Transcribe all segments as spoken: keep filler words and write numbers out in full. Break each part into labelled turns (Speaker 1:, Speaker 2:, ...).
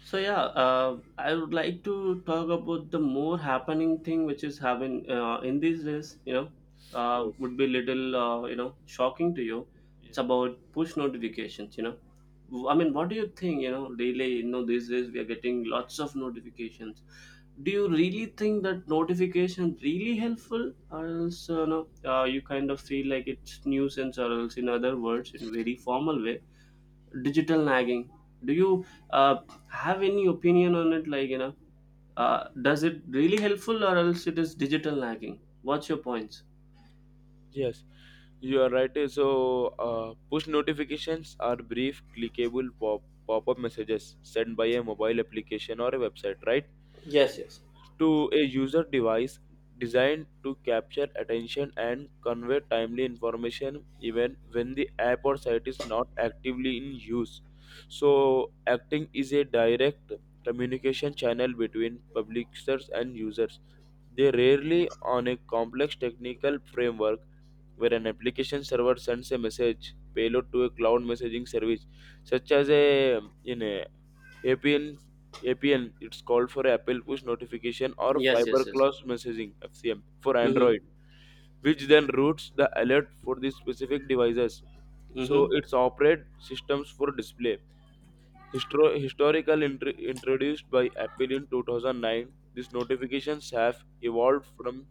Speaker 1: So yeah, uh, I would like to talk about the more happening thing which is having uh, in these days. You know, uh,
Speaker 2: Yes,
Speaker 1: would be little uh, you know shocking to you. It's
Speaker 2: yes,
Speaker 1: about push notifications. You know, W- I mean, what do you think? You know, really, you know, these days we are getting lots of notifications. Do you really think that notification really helpful, or else uh, no, uh, you kind of feel like it's nuisance, or else in other words, in very formal way, digital nagging? Do you uh, have any opinion on it, like, you know uh, does it really helpful, or else it is digital nagging? What's your points?
Speaker 2: yes. You are right. eh, So, uh, push notifications are brief, clickable pop pop-up messages sent by a mobile application or a website, right,
Speaker 1: Yes, yes.
Speaker 2: to a user device designed to capture attention and convey timely information, even when the app or site is not actively in use. So, acting is a direct communication channel between publishers and users. They rarely on a complex technical framework where an application server sends a message payload to a cloud messaging service, such as a in a APN. A P N it's called for Apple Push Notification or
Speaker 1: Yes, yes, yes.
Speaker 2: Fiberglass Messaging (F C M) for
Speaker 1: Mm-hmm.
Speaker 2: Android, which then routes the alert for the specific devices. So
Speaker 1: Mm-hmm.
Speaker 2: it's operate systems for display. Histro- historical intr- introduced by Apple in two thousand nine, these notifications have evolved from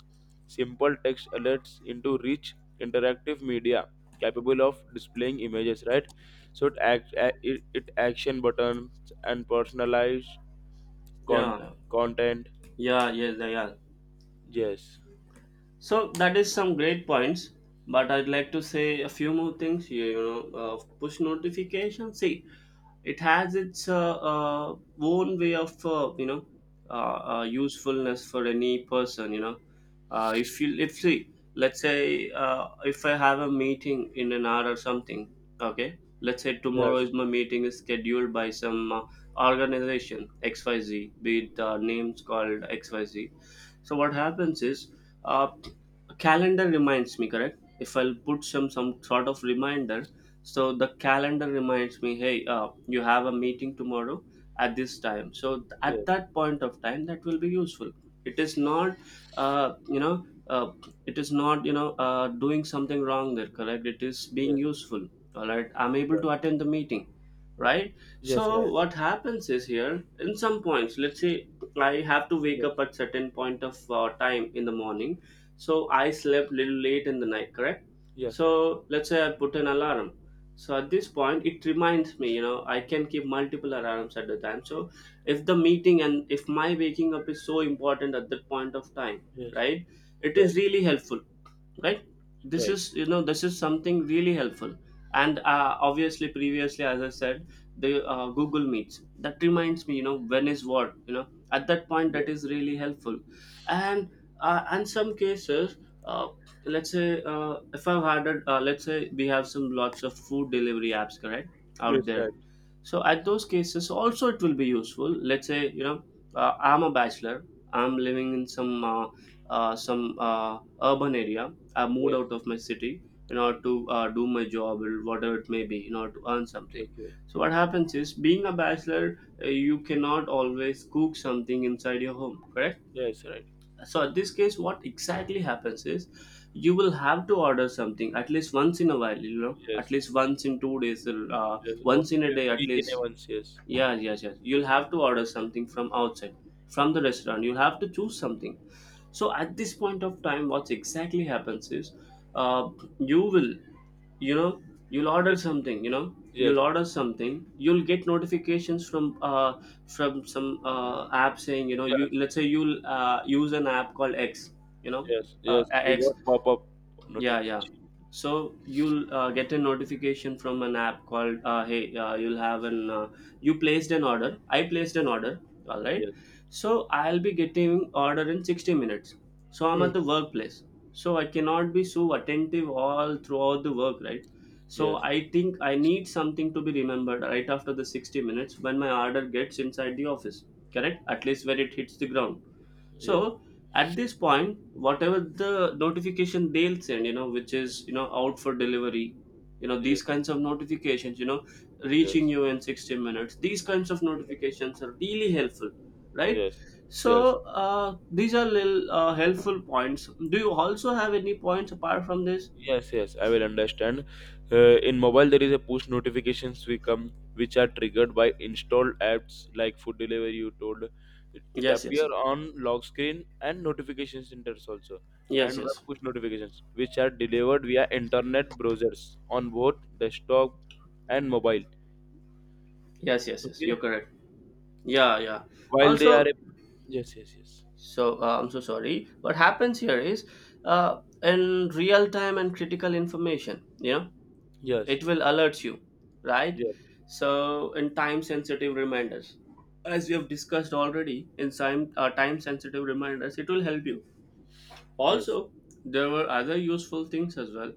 Speaker 2: simple text alerts into rich interactive media capable of displaying images, right, so it act a- it, it action buttons and personalized con-
Speaker 1: Yeah,
Speaker 2: content.
Speaker 1: yeah, yes, yeah, yeah.
Speaker 2: Yes,
Speaker 1: So that is some great points, but I'd like to say a few more things. You, you know, uh, push notification. See, it has its uh, uh, own way of uh, you know uh, uh, usefulness for any person. You know, uh, if you if See, let's say uh, if I have a meeting in an hour or something. Okay, let's say tomorrow
Speaker 2: yes,
Speaker 1: is my meeting is scheduled by some uh, organization X Y Z, be it uh, names called X Y Z. So what happens is, uh, a calendar reminds me, correct? If I'll put some some sort of reminder, so the calendar reminds me, hey, uh, you have a meeting tomorrow at this time. So th- at
Speaker 2: yes,
Speaker 1: that point of time, that will be useful. It is not, uh, you know, uh, it is not, you know, uh, doing something wrong there, correct? It is being
Speaker 2: yes,
Speaker 1: useful. All right, I'm able to attend the meeting, right?
Speaker 2: yes, yes,
Speaker 1: So
Speaker 2: right,
Speaker 1: what happens is here in some points, let's say I have to wake
Speaker 2: yes,
Speaker 1: up at certain point of uh, time in the morning, so I slept little late in the night, correct?
Speaker 2: yes, right,
Speaker 1: So let's say I put an alarm. So at this point, it reminds me, you know, I can keep multiple alarms at the time. So if the meeting and if my waking up is so important at that point of time,
Speaker 2: yes,
Speaker 1: right? It is
Speaker 2: right,
Speaker 1: really helpful, right? this
Speaker 2: right,
Speaker 1: is you know this is something really helpful. And uh, obviously, previously, as I said, the uh, Google Meets that reminds me, you know when is what, you know at that point, that is
Speaker 2: yes,
Speaker 1: really helpful. And uh, and some cases, uh, let's say, uh, if I've had a, uh, let's say we have some lots of food delivery apps, correct,
Speaker 2: yes,
Speaker 1: out there.
Speaker 2: right,
Speaker 1: So at those cases, also it will be useful. Let's say, you know uh, I'm a bachelor. I'm living in some uh, uh, some uh, urban area. I moved
Speaker 2: yes,
Speaker 1: out of my city in order to uh, do my job or whatever it may be, in order to earn
Speaker 2: okay,
Speaker 1: something.
Speaker 2: okay,
Speaker 1: So what happens is, being a bachelor, uh, you cannot always cook something inside your home, correct?
Speaker 2: yes, right,
Speaker 1: So at this case, what exactly happens is, you will have to order something at least once in a while. You know, at
Speaker 2: yes.
Speaker 1: least once in two days, uh,
Speaker 2: Yes, or
Speaker 1: once in
Speaker 2: uh,
Speaker 1: a day at
Speaker 2: weekend
Speaker 1: least.
Speaker 2: events. Yes,
Speaker 1: Yeah, yes, yes. You'll have to order something from outside, from the restaurant. You'll have to choose something. So at this point of time, what exactly happens is, uh, you will, you know, you'll order
Speaker 2: yes,
Speaker 1: something. You know,
Speaker 2: yes,
Speaker 1: you'll order something. You'll get notifications from, uh, from some uh, app saying, you know,
Speaker 2: yes,
Speaker 1: you let's say you'll uh, use an app called X. You know,
Speaker 2: yes,
Speaker 1: uh,
Speaker 2: yes. We
Speaker 1: X.
Speaker 2: got pop-up
Speaker 1: Yeah, yeah.
Speaker 2: notification.
Speaker 1: So you'll uh, get a notification from an app called, uh, hey, uh, you'll have an uh, you placed an order. I placed an order. All right.
Speaker 2: Yes,
Speaker 1: So I'll be getting order in sixty minutes. So I'm
Speaker 2: yes,
Speaker 1: at the workplace. So I cannot be so attentive all throughout the work, right? So
Speaker 2: yes, yes,
Speaker 1: I think I need something to be remembered right after the sixty minutes when my order gets inside the office. Correct? At least where it hits the ground.
Speaker 2: yes,
Speaker 1: So at this point, whatever the notification they'll send, you know, which is, you know
Speaker 2: yes,
Speaker 1: out for delivery, you know these
Speaker 2: yes,
Speaker 1: kinds of notifications, you know, reaching
Speaker 2: yes,
Speaker 1: you in sixty minutes. These kinds of
Speaker 2: yes,
Speaker 1: notifications are really helpful, right?
Speaker 2: yes, yes.
Speaker 1: So uh, these are little uh, helpful points. Do you also have any points apart from this?
Speaker 2: Yes, yes, I will understand. Uh, in mobile, there is a push notifications we come which are triggered by installed apps like food delivery. You told it, it
Speaker 1: Yes, yes,
Speaker 2: appear
Speaker 1: sir.
Speaker 2: on lock screen and notification centers also, and
Speaker 1: Yes,
Speaker 2: web
Speaker 1: yes,
Speaker 2: push notifications which are delivered via internet browsers on both desktop and mobile.
Speaker 1: yes, yes, yes.
Speaker 2: Okay,
Speaker 1: You're correct. Yeah, yeah.
Speaker 2: while they are
Speaker 1: Also,
Speaker 2: a, yes, yes, yes,
Speaker 1: so uh, I'm so sorry. What happens here is, uh, in real time and critical information, you know,
Speaker 2: yes,
Speaker 1: it will alert you, right?
Speaker 2: yes,
Speaker 1: So in time sensitive reminders, as we have discussed already, in time uh, time sensitive reminders, it will help you.
Speaker 2: yes,
Speaker 1: Also, there were other useful things as well.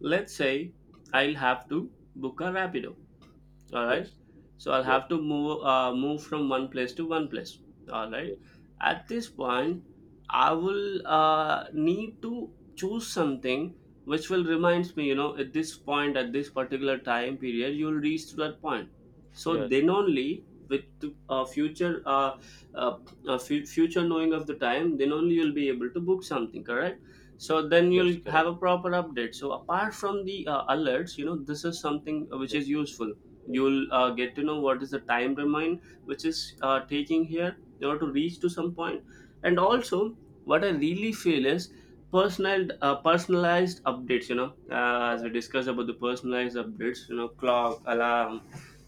Speaker 1: Let's say I'll have to book a Rapido, all right?
Speaker 2: yes,
Speaker 1: So I'll
Speaker 2: yes,
Speaker 1: have to move uh, move from one place to one place, all right?
Speaker 2: yes,
Speaker 1: At this point, I will uh, need to choose something which will reminds me, you know at this point, at this particular time period, you'll reach to that point. So
Speaker 2: yes,
Speaker 1: then only with the uh, future, uh, uh, uh, fu- future knowing of the time, then only you'll be able to book something, correct? So then
Speaker 2: yes,
Speaker 1: you'll
Speaker 2: correct.
Speaker 1: have a proper update. So apart from the uh, alerts, you know this is something which
Speaker 2: Yes,
Speaker 1: is useful.
Speaker 2: yes,
Speaker 1: You'll uh, get to know what is the time domain which is uh, taking here in order to reach to some point. And
Speaker 2: yes.
Speaker 1: also, what I really feel is personal uh, personalized updates, you know uh, as we
Speaker 2: Uh,
Speaker 1: discussed about the personalized updates, you know clock alarm,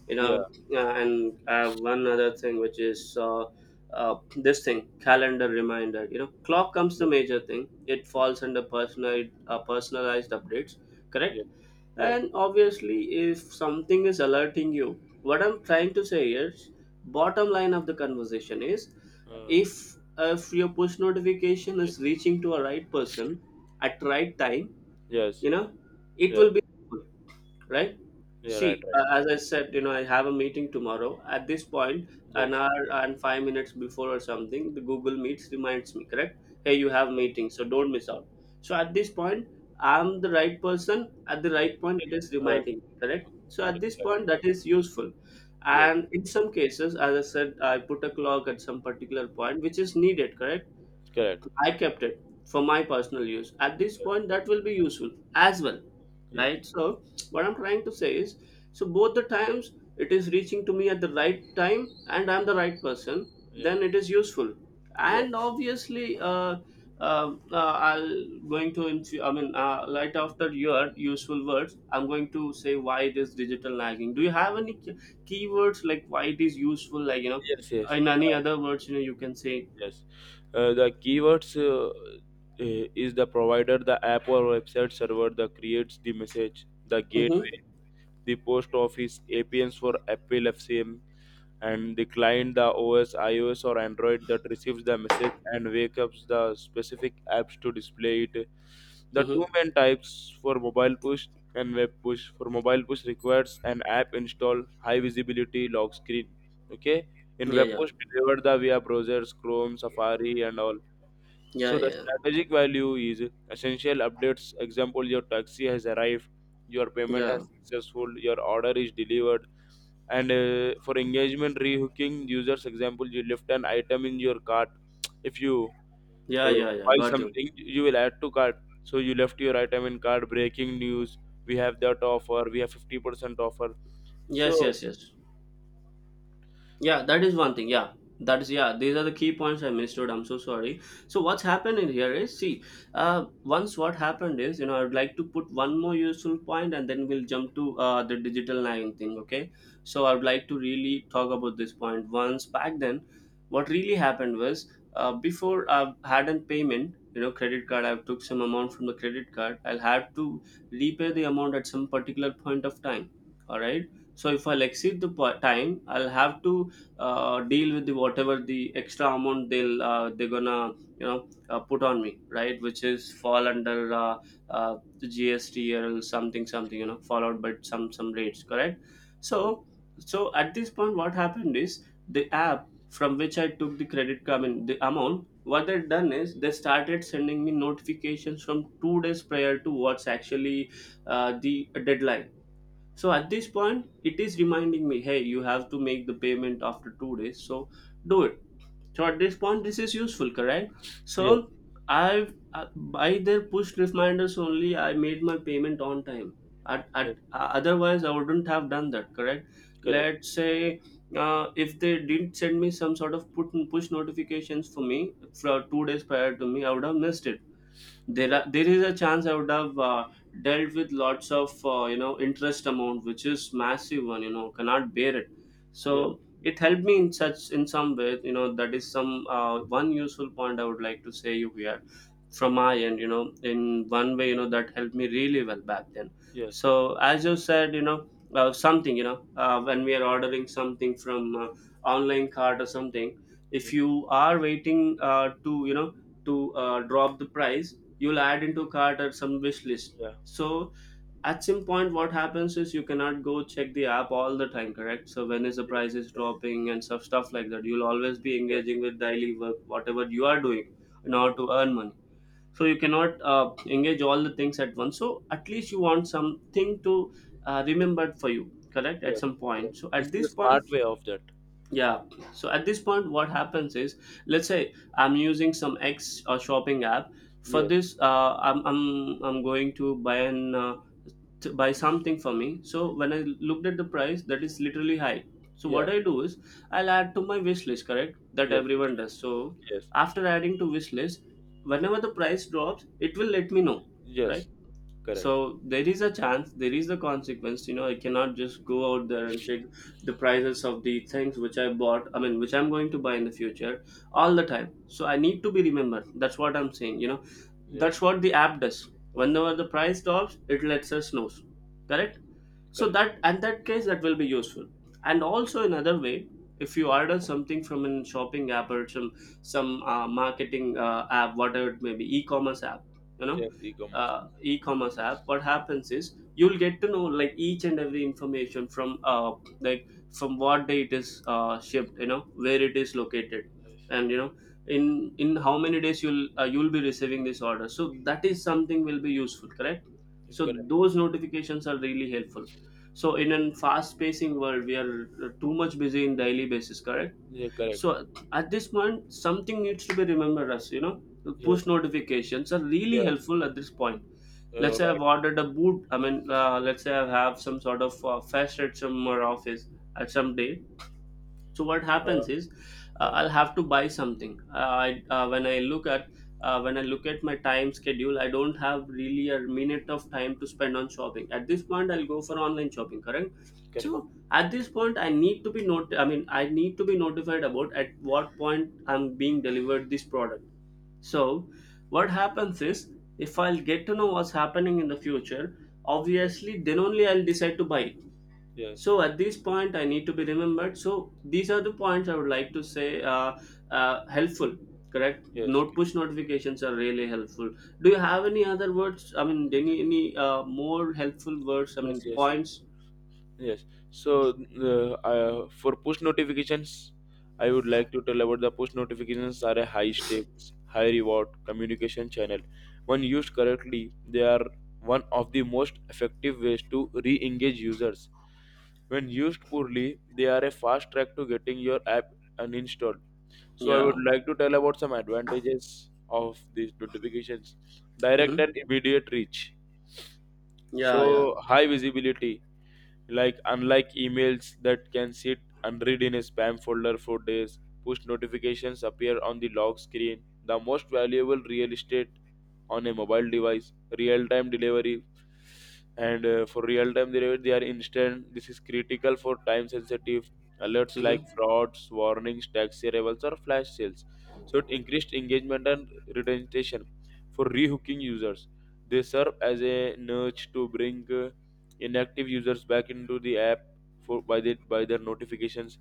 Speaker 1: you
Speaker 2: yeah,
Speaker 1: know uh, and uh, one other thing which is uh, uh, this thing calendar reminder, you know clock comes, the
Speaker 2: yeah,
Speaker 1: major thing. It falls under personal uh, personalized updates, correct?
Speaker 2: yeah. Yes.
Speaker 1: And obviously, if something is alerting you, what I'm trying to say is, bottom line of the conversation is,
Speaker 2: Uh,
Speaker 1: if if your push notification is
Speaker 2: yes.
Speaker 1: reaching to a right person at right time,
Speaker 2: Yes.
Speaker 1: you know, it
Speaker 2: Yeah.
Speaker 1: will be helpful, right?
Speaker 2: Yeah. Right.
Speaker 1: See, uh,
Speaker 2: Right.
Speaker 1: as I said, you know, I have a meeting tomorrow. At this point, an
Speaker 2: Yes.
Speaker 1: hour and five minutes before or something, the Google Meets reminds me, correct? Hey, you have meeting, so don't miss out. So at this point, I'm the right person. At the
Speaker 2: Yes.
Speaker 1: right point, it is
Speaker 2: Yes. Okay.
Speaker 1: reminding me, correct? So at this
Speaker 2: Correct.
Speaker 1: point, that is useful.
Speaker 2: Yes.
Speaker 1: And in some cases, as I said, I put a clock at some particular point, which is needed, correct?
Speaker 2: Correct.
Speaker 1: I kept it for my personal use. At this point, that will be useful as well,
Speaker 2: Yes.
Speaker 1: right? So, what I'm trying to say is, so both the times it is reaching to me at the right time, and I'm the right person,
Speaker 2: Yes.
Speaker 1: then it is useful.
Speaker 2: Yeah.
Speaker 1: And obviously, uh, uh, uh, I'll going to. Inf- I mean, uh, right after your useful words, I'm going to say why it is digital lagging. Do you have any key- keywords like why it is useful? Like, you know,
Speaker 2: Yes. Yes.
Speaker 1: in any
Speaker 2: Uh,
Speaker 1: other words, you know, you can say.
Speaker 2: yes. Uh, the keywords uh, uh, is the provider, the app or website server that creates the message, the
Speaker 1: Mm-hmm.
Speaker 2: gateway, the post office, A P Ns for Apple F C M, and the client, the O S, iOS or Android that receives the message and wakes up the specific apps to display it. The two main types for mobile push and web push. For mobile push requires an app install, high visibility lock screen. Okay. In
Speaker 1: Yeah,
Speaker 2: web
Speaker 1: yeah,
Speaker 2: push delivered the via browsers, Chrome, Safari and all.
Speaker 1: yeah,
Speaker 2: So the
Speaker 1: yeah,
Speaker 2: strategic value is essential updates. Example, your taxi has arrived, your payment
Speaker 1: yeah,
Speaker 2: has successful, your order is delivered. And uh, for engagement rehooking users, example, you left an item in your cart. If you
Speaker 1: yeah,
Speaker 2: uh,
Speaker 1: yeah, yeah.
Speaker 2: buy
Speaker 1: Got you.
Speaker 2: something, you will add to cart, so you left your item in cart. Breaking news, we have that offer, we have fifty percent offer. So
Speaker 1: Yes, yes, yes. Yeah, that is one thing. Yeah, that is yeah. These are the key points I missed out. I'm so sorry. So what's happened in here is, see, uh, once what happened is, you know I'd like to put one more useful point and then we'll jump to uh, the digital line thing. Okay, so I'd like to really talk about this point. Once back then, what really happened was, uh, before I had a payment. You know, credit card. I took some amount from the credit card. I'll have to repay the amount at some particular point of time. All right. So if I'll exceed the po- time, I'll have to uh, deal with the whatever the extra amount they'll uh, they're gonna, you know uh, put on me, right, which is fall under uh, uh, the G S T or something something, you know followed by some some rates, correct,
Speaker 2: yes,
Speaker 1: so. So at this point, what happened is, the app from which I took the credit card, I mean, the amount, what they've done is they started sending me notifications from two days prior to what's actually uh, the deadline. So at this point, it is reminding me, hey, you have to make the payment after two days. So do it. So at this point, this is useful, correct?
Speaker 2: yes,
Speaker 1: So I've uh, by their push reminders only, I made my payment on time. At,
Speaker 2: yes,
Speaker 1: at uh, Otherwise, I wouldn't have done that, correct?
Speaker 2: correct,
Speaker 1: Let's say uh, if they didn't send me some sort of put push notifications for me for two days prior to me, I would have missed it. There
Speaker 2: yes,
Speaker 1: are, there is a chance I would have uh, dealt with lots of uh, you know interest amount, which is massive one, you know, cannot bear it.
Speaker 2: yeah,
Speaker 1: So it helped me in such in some way, you know. That is some uh, one useful point I would like to say you here from my end, you know. In one way, you know, that helped me really well back then.
Speaker 2: yes, yes,
Speaker 1: So as you said, you know, uh, something, you know, uh, when we are ordering something from uh, online cart or something,
Speaker 2: yeah,
Speaker 1: if you are waiting uh, to you know to uh, drop the price, you'll add into cart or some wish list.
Speaker 2: yeah,
Speaker 1: So at some point, what happens is you cannot go check the app all the time, correct? So when is the
Speaker 2: yes,
Speaker 1: price is
Speaker 2: yes,
Speaker 1: dropping and stuff
Speaker 2: yes,
Speaker 1: stuff like that, you'll always be
Speaker 2: yes,
Speaker 1: engaging with daily work, whatever you are doing in order to
Speaker 2: yes,
Speaker 1: earn money. So you cannot uh, engage all the things at once. So at least you want something to uh, remembered for you, correct, at
Speaker 2: yes,
Speaker 1: some
Speaker 2: yes.
Speaker 1: point. So
Speaker 2: This
Speaker 1: at
Speaker 2: is a
Speaker 1: this point,
Speaker 2: smart way of that.
Speaker 1: yeah. Okay. So at this point, what happens is, let's say I'm using some X uh, shopping app. For
Speaker 2: Yes,
Speaker 1: this, uh, I'm, I'm I'm going to buy an uh, to buy something for me. So when I looked at the price, that is literally high. So
Speaker 2: yeah,
Speaker 1: what I do is I'll add to my wish list, correct? That
Speaker 2: yes,
Speaker 1: everyone does. So
Speaker 2: yes,
Speaker 1: after adding to wish list, whenever the price drops, it will let me know, right?
Speaker 2: yes, correct,
Speaker 1: So there is a chance, there is the consequence, you know, I cannot just go out there and check the prices of the things which I bought, I mean which I'm going to buy in the future, all the time. So I need to be remembered. That's what I'm saying, you know.
Speaker 2: yes,
Speaker 1: That's what the app does. Whenever the price drops, it lets us know,
Speaker 2: yes,
Speaker 1: correct. So
Speaker 2: correct,
Speaker 1: that and that case, that will be useful. And also another way, if you order something from an shopping app or some some uh, marketing uh, app, whatever it may be, e-commerce app, you know,
Speaker 2: yes, e-commerce,
Speaker 1: uh, e-commerce app, what happens is you'll get to know like each and every information from uh, like from what day it is uh, shipped, you know, where it is located,
Speaker 2: yes,
Speaker 1: and you know, in in how many days you'll uh, you'll be receiving this order. So that is something will be useful, correct.
Speaker 2: yeah,
Speaker 1: So those
Speaker 2: correct,
Speaker 1: notifications are really helpful. So in a fast-pacing world, we are uh, too much busy in daily
Speaker 2: yes,
Speaker 1: basis, correct?
Speaker 2: yeah, correct,
Speaker 1: So at this point, something needs to be remembered Us, you know, push
Speaker 2: yes,
Speaker 1: notifications are really
Speaker 2: yes,
Speaker 1: helpful at this point. Let's
Speaker 2: uh,
Speaker 1: say
Speaker 2: right,
Speaker 1: I've ordered a boot. I mean, uh, let's say I have some sort of uh, fest at some uh, office at some day. So what happens
Speaker 2: uh,
Speaker 1: is, uh,
Speaker 2: uh,
Speaker 1: I'll have to buy something, uh, I, uh, when I look at uh, when I look at my time schedule, I don't have really a minute of time to spend on shopping. At this point, I'll go for online shopping, correct.
Speaker 2: correct.
Speaker 1: So at this point, I need to be not, I mean, I need to be notified about at what point I'm being delivered this product. So what happens is, if I'll get to know what's happening in the future,
Speaker 2: Yeah.
Speaker 1: obviously then only I'll decide to buy it.
Speaker 2: Yes.
Speaker 1: So at this point, I need to be remembered. So these are the points I would like to say, uh, uh, helpful, correct?
Speaker 2: Yes.
Speaker 1: Not
Speaker 2: c-
Speaker 1: push notifications are really helpful. Do you have any other words, I mean, any any uh, more helpful words, I
Speaker 2: Yes.
Speaker 1: mean
Speaker 2: Yes. Yes.
Speaker 1: points?
Speaker 2: Yes. So, uh, uh, for push notifications, I would like to tell about the push notifications are a high stakes, high reward communication channel. When used correctly, they are one of the most effective ways to re-engage users. When used poorly, they are a fast track to getting your app uninstalled. So I would
Speaker 1: Yeah.
Speaker 2: like to tell about some advantages of these notifications. Direct
Speaker 1: Hmm.
Speaker 2: and immediate reach.
Speaker 1: Yeah, yeah.
Speaker 2: So high visibility, like unlike emails that can sit unread in a spam folder for days, push notifications appear on the lock screen, the most valuable real estate on a mobile device. Real time delivery, and uh, for real time delivery they are instant. This is critical for time sensitive alerts
Speaker 1: Hmm.
Speaker 2: like frauds warnings, tax arrivals or flash sales. So it increased engagement and retention for rehooking users. They serve as a nudge to bring uh, inactive users back into the app for by the by their notifications,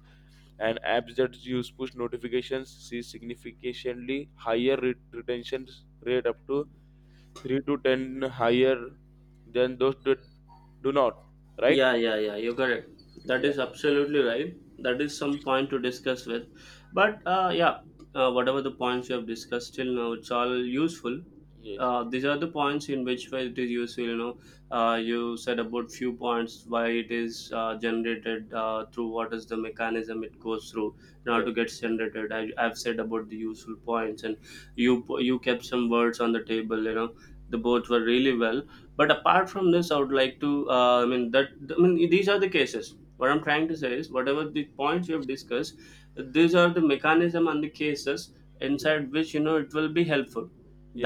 Speaker 2: and apps that use push notifications see significantly higher re- retention rate, up to three to ten higher than those that do not, right?
Speaker 1: Yeah, yeah, yeah. You're correct. That
Speaker 2: Yes,
Speaker 1: is absolutely right. That is some point to discuss with. But uh, yeah, uh, whatever the points you have discussed till now, it's all useful.
Speaker 2: yes,
Speaker 1: Uh, these are the points in which way it is useful. You know, uh, you said about few points why it is uh, generated uh, through what is the mechanism it goes through in order
Speaker 2: yes,
Speaker 1: to get generated. I, I've said about the useful points, and you you kept some words on the table. You know, the both were really well, but apart from this, I would like to uh, I mean that, I mean, these are the cases. What I'm trying to say is whatever the points we have discussed, these are the mechanism and the cases
Speaker 2: yes,
Speaker 1: inside which, you know, it will be helpful.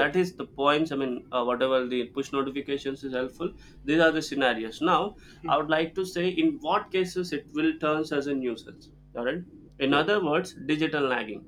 Speaker 1: That is the points, I mean, uh, whatever the push notifications is helpful, these are the scenarios. Now I would like to say in what cases it will turns as a nuisance, all right, in
Speaker 2: yes,
Speaker 1: other words, digital lagging.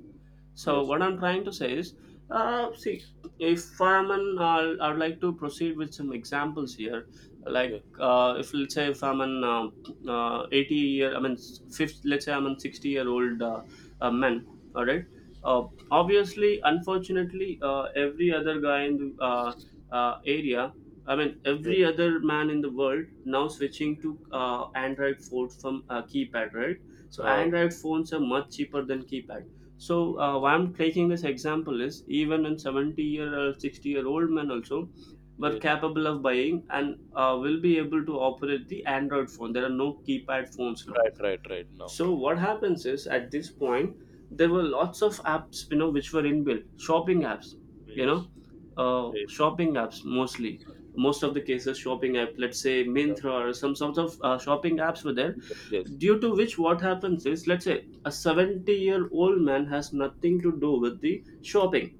Speaker 1: So
Speaker 2: yes,
Speaker 1: what I'm trying to say is, uh, see, if I'm an, I'll, I'd like to proceed with some examples here. Like,
Speaker 2: yes,
Speaker 1: uh, if let's say if I'm an uh, uh, eighty year, I mean, fifth, let's say I'm an sixty year old uh, uh, man. All right. Uh, Obviously, unfortunately, uh, every other guy in the uh, uh, area, I mean, every
Speaker 2: yes,
Speaker 1: other man in the world now switching to uh, Android phones from uh, keypad, right? So
Speaker 2: uh,
Speaker 1: Android phones are much cheaper than keypad. So uh, why I'm taking this example is even in seventy year or sixty year old men also were
Speaker 2: yes,
Speaker 1: capable of buying and uh, will be able to operate the Android phone. There are no keypad phones now.
Speaker 2: right, right, right now.
Speaker 1: So what happens is, at this point, there were lots of apps, you know, which were inbuilt shopping apps, you
Speaker 2: Yes,
Speaker 1: know, uh,
Speaker 2: yes,
Speaker 1: shopping apps mostly, most of the cases shopping app, let's say Myntra
Speaker 2: yes,
Speaker 1: or some sorts of uh, shopping apps were there,
Speaker 2: yes, yes,
Speaker 1: due to which what happens is, let's say a seventy year old man has nothing to do with the shopping,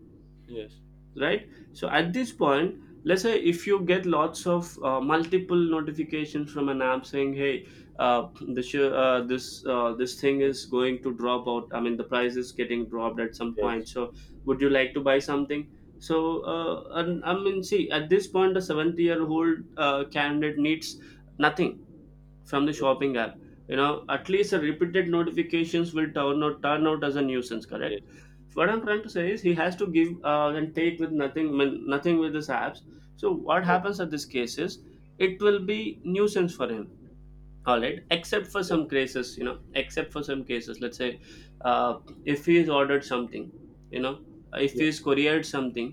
Speaker 2: yes,
Speaker 1: right? So at this
Speaker 2: right.
Speaker 1: point, let's say if you get lots of uh, multiple notifications from an app saying, hey, uh, this uh, this uh, this thing
Speaker 2: Yes,
Speaker 1: is going to drop out, I mean the price is getting dropped at some
Speaker 2: yes,
Speaker 1: point, so would you like to buy something? So uh, and, I mean, see, at this point, a seventy year old uh, candidate needs nothing from the
Speaker 2: yes,
Speaker 1: shopping app, you know. At least the repeated notifications will turn out turn out as a nuisance, correct.
Speaker 2: yes,
Speaker 1: What I'm trying to say is he has to give uh, and take with nothing, nothing with his apps. So what
Speaker 2: yes,
Speaker 1: happens at this case is it will be nuisance for him. All
Speaker 2: yes,
Speaker 1: right, except for
Speaker 2: yes,
Speaker 1: some cases, you know, except for some cases, let's say uh, if he is ordered something, you know, if
Speaker 2: yes,
Speaker 1: he's couriered something,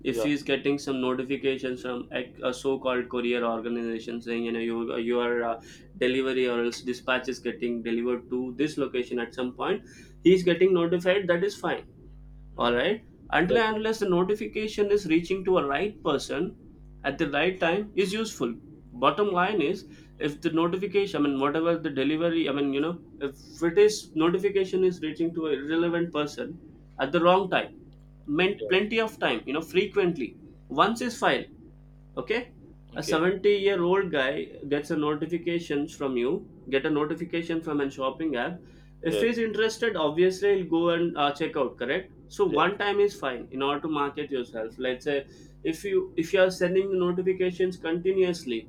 Speaker 1: if
Speaker 2: yeah,
Speaker 1: he's getting some notifications from a, a so-called courier organization saying, you know, you, your uh, delivery or else dispatch is getting delivered to this location at some point, he's getting notified, that is fine, all
Speaker 2: right,
Speaker 1: right, until
Speaker 2: right,
Speaker 1: and unless the notification is reaching to a right person at the right time, is useful. Bottom line is, if the notification, I mean whatever the delivery, I mean, you know, if it
Speaker 2: okay,
Speaker 1: is notification is reaching to a irrelevant person at the wrong time, meant
Speaker 2: yes,
Speaker 1: plenty of time, you know, frequently. Once is fine, okay. A
Speaker 2: okay,
Speaker 1: seventy year old guy gets a notification from you, get a notification from a shopping app. If
Speaker 2: yes,
Speaker 1: he's interested, obviously he'll go and uh, check out, correct. So
Speaker 2: yes,
Speaker 1: one time is fine in order to market yourself. Let's say if you if you are sending the notifications continuously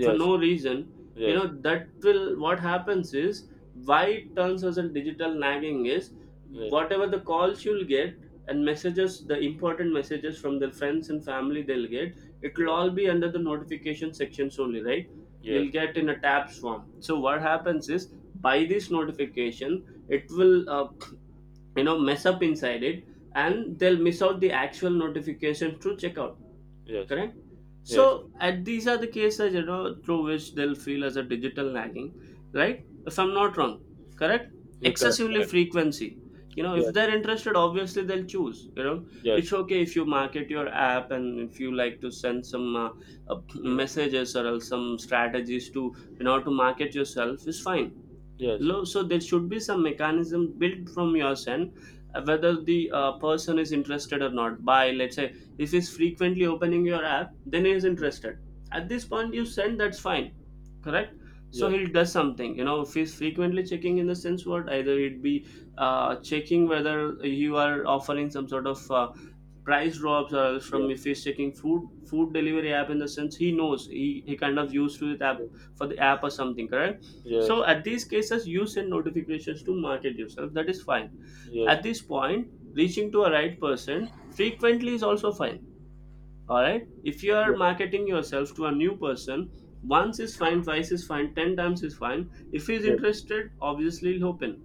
Speaker 1: for no reason, you
Speaker 2: yes, yes,
Speaker 1: know, that will, what happens is, why it turns us in digital nagging is
Speaker 2: yes,
Speaker 1: whatever the calls you'll get and messages, the important messages from their friends and family, they'll get, it will all be under the notification sections only, right?
Speaker 2: yes,
Speaker 1: You'll get in a tab swarm. So what happens is by this notification, it will uh, you know mess up inside it,
Speaker 2: yes,
Speaker 1: and they'll miss out the actual notification to check out,
Speaker 2: yes,
Speaker 1: correct.
Speaker 2: yes,
Speaker 1: So, and these are the cases, you know, through which they'll feel as a digital nagging, right? If I'm not wrong, correct?
Speaker 2: yeah, correct,
Speaker 1: Excessively
Speaker 2: correct,
Speaker 1: frequency. You know, if
Speaker 2: yes,
Speaker 1: they're interested, obviously they'll choose. You know, it's
Speaker 2: yes,
Speaker 1: okay if you market your app and if you like to send some uh, uh,
Speaker 2: mm,
Speaker 1: messages or else some strategies to, you know, to market yourself is fine.
Speaker 2: yes,
Speaker 1: Lo- so there should be some mechanism built from your end, uh, whether the uh, person is interested or not. By let's say if he's frequently opening your app, then he is interested.
Speaker 2: yes,
Speaker 1: At this point you send, that's fine, correct. So
Speaker 2: yes, yes,
Speaker 1: he'll does something, you know, if he's frequently checking, in the sense what, either it be uh, checking whether you are offering some sort of uh, price drops, or
Speaker 2: yes,
Speaker 1: from if
Speaker 2: yes,
Speaker 1: he's checking food food delivery app, in the sense he knows he, he kind of used to it app for the app or something, correct.
Speaker 2: yes,
Speaker 1: So at these cases you send notifications to market yourself, that is fine.
Speaker 2: yes,
Speaker 1: At this point reaching to a right person frequently is also fine. All right, if you are marketing yourself to a new person, once is fine, twice is fine, ten times is fine. If he's interested, obviously he'll open.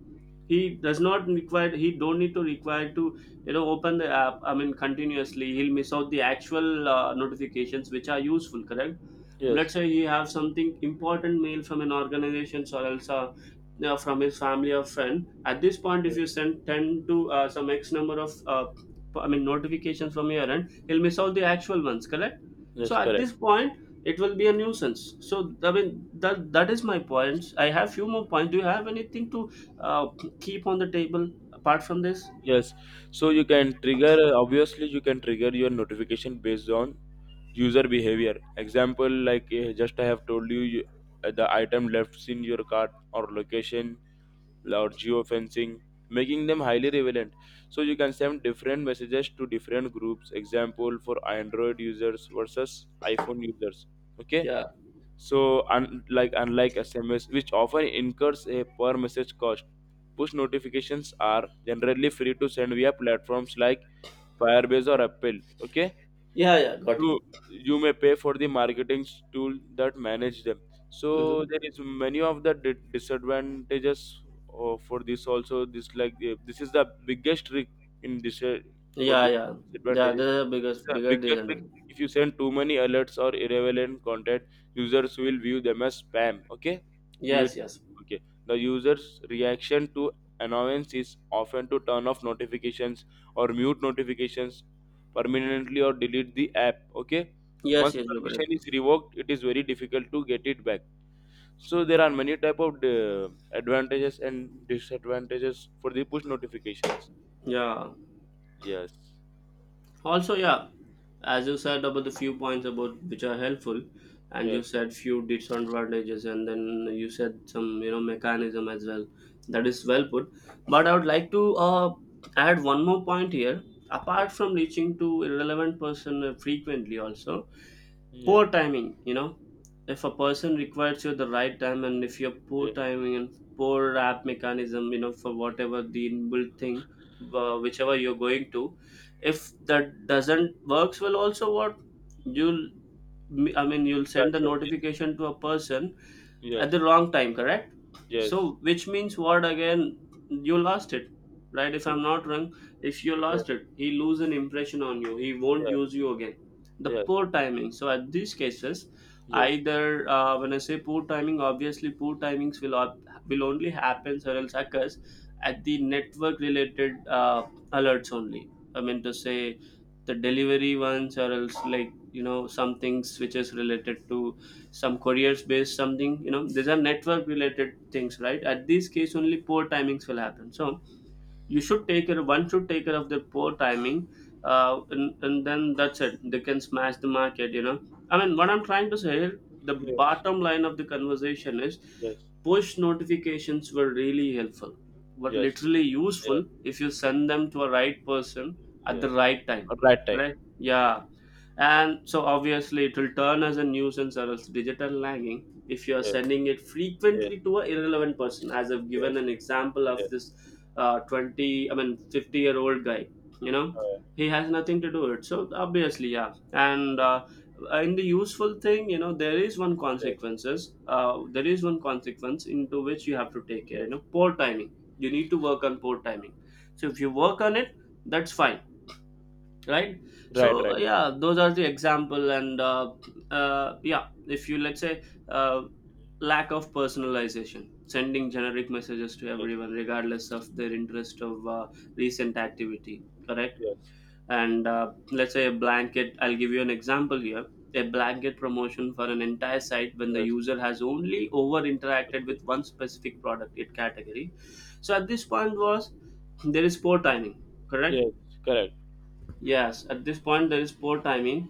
Speaker 1: He does not require, he don't need to require to, you know, open the app. I mean continuously he'll miss out the actual uh, notifications which are useful, correct.
Speaker 2: yes,
Speaker 1: Let's say he have something important mail from an organization or else, uh, you know, from his family or friend. At this point if you send ten to uh, some x number of uh, I mean notifications from your end, he'll miss out the actual ones, correct.
Speaker 2: yes,
Speaker 1: So at
Speaker 2: correct,
Speaker 1: this point it will be a nuisance. So I mean that that is my points. I have few more points. Do you have anything to uh, keep on the table apart from this?
Speaker 2: yes. So you can trigger, uh, obviously, you can trigger your notification based on user behavior, example like eh, just I have told you, you uh, the item left in your cart or location or geofencing, making them highly relevant. So you can send different messages to different groups, example for Android users versus iPhone users. Okay,
Speaker 1: Yeah.
Speaker 2: so un- like unlike SMS which often incurs a per message cost, push notifications are generally free to send via platforms like Firebase or Apple. Okay,
Speaker 1: Yeah, yeah, got it.
Speaker 2: you you may pay for the marketing s- tool that manage them. So
Speaker 1: Mm-hmm.
Speaker 2: there is many of the di- disadvantages uh, for this also, this like uh, this is the biggest trick in this uh, for
Speaker 1: Yeah,
Speaker 2: dis-
Speaker 1: yeah. Yeah,
Speaker 2: disadvantages.
Speaker 1: the biggest
Speaker 2: It's a
Speaker 1: bigger
Speaker 2: biggest trick.
Speaker 1: reason.
Speaker 2: If you send too many alerts or irrelevant content, users will view them as spam. Okay, you
Speaker 1: Yes,
Speaker 2: would.
Speaker 1: yes.
Speaker 2: Okay, the user's reaction to annoyance is often to turn off notifications or mute notifications permanently or delete the app. Okay,
Speaker 1: Yes,
Speaker 2: once
Speaker 1: yes, you're correct.
Speaker 2: permission is revoked, it is very difficult to get it back. So there are many type of uh, advantages and disadvantages for the push notifications.
Speaker 1: Yeah.
Speaker 2: Yes.
Speaker 1: Also, yeah, as you said about the few points about which are helpful, and
Speaker 2: Yes.
Speaker 1: you said few disadvantages, and then you said some, you know, mechanism as well. That is well put. But I would like to uh, add one more point here.
Speaker 2: Yes.
Speaker 1: Apart from reaching to irrelevant person uh, frequently, also
Speaker 2: Yeah.
Speaker 1: poor timing, you know, if a person requires you the right time and if you're poor
Speaker 2: Yes.
Speaker 1: timing and poor app mechanism, you know, for whatever the inbuilt thing, uh, whichever you're going to, if that doesn't works well, also what you'll, I mean you'll
Speaker 2: Yes.
Speaker 1: send the
Speaker 2: Yes.
Speaker 1: notification to a person at
Speaker 2: Yes.
Speaker 1: the wrong time, correct. So
Speaker 2: Yes.
Speaker 1: which means what, again you lost it, right, if
Speaker 2: Yes.
Speaker 1: I'm not wrong. If you
Speaker 2: Yes.
Speaker 1: lost it, he lose an impression on you, he won't use you again, the
Speaker 2: Yes.
Speaker 1: poor timing. So at these cases,
Speaker 2: Yes. Yes.
Speaker 1: either uh, when I say poor timing, obviously poor timings will op- will only happen or else occurs at the network related uh, alerts only, I mean to say the delivery ones or else, like, you know, some things which is related to some careers based something, you know, these are network related things, right. At this case only poor timings will happen, so you should take care, one should take care of the poor timing, uh, and, and then that's it, they can smash the market, you know. I mean what I'm trying to say here, the
Speaker 2: Yes.
Speaker 1: bottom line of the conversation is push notifications were really helpful, were
Speaker 2: Yes.
Speaker 1: literally
Speaker 2: Yes.
Speaker 1: useful if you send them to a right person at the
Speaker 2: Yes.
Speaker 1: right time,
Speaker 2: At right time.
Speaker 1: right,
Speaker 2: Yes.
Speaker 1: yeah. And so obviously it will turn as a nuisance or else digital lagging if you are
Speaker 2: Yes.
Speaker 1: sending it
Speaker 2: Yes.
Speaker 1: frequently to a irrelevant person, as I've given
Speaker 2: Yes.
Speaker 1: an example of
Speaker 2: Yes.
Speaker 1: this uh, 20 I mean fifty year old guy, you know,
Speaker 2: Uh,
Speaker 1: he has nothing to do it. So obviously, yeah, and uh, in the useful thing, you know, there is one
Speaker 2: yes.
Speaker 1: consequences uh, there is one consequence into which you have to take care,
Speaker 2: Yes.
Speaker 1: you know, poor timing. You need to work on poor timing. So if you work
Speaker 2: Yes.
Speaker 1: on it, that's fine, right.
Speaker 2: Right.
Speaker 1: So uh,
Speaker 2: Right.
Speaker 1: yeah, those are the example, and uh, uh, yeah, if you, let's say, uh, lack of personalization, sending generic messages to
Speaker 2: Yes.
Speaker 1: everyone regardless of their interest of uh, recent activity, correct.
Speaker 2: Yes.
Speaker 1: And uh, let's say a blanket, I'll give you an example here, a blanket promotion for an entire site when the
Speaker 2: Yes.
Speaker 1: user has only over interacted
Speaker 2: Okay.
Speaker 1: with one specific product it category. So at this point was, there is poor timing, correct.
Speaker 2: Yes. Correct.
Speaker 1: Yes, at this point there is poor timing.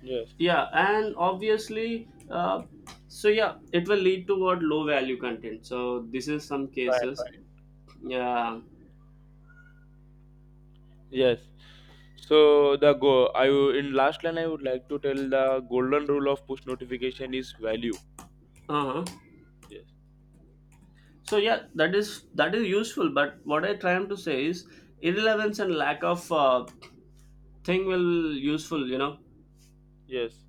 Speaker 2: Yes.
Speaker 1: Yeah, and obviously, uh, so yeah, it will lead toward low value content. So this is some
Speaker 2: Right.
Speaker 1: cases.
Speaker 2: Right.
Speaker 1: Yeah.
Speaker 2: Yes. So the go. I will- in last line I would like to tell the golden rule of push notification is value.
Speaker 1: Uh-huh.
Speaker 2: Yes.
Speaker 1: So yeah, that is that is useful. But what I trying to say is irrelevance and lack of uh, thing will useful, you know,
Speaker 2: Yes.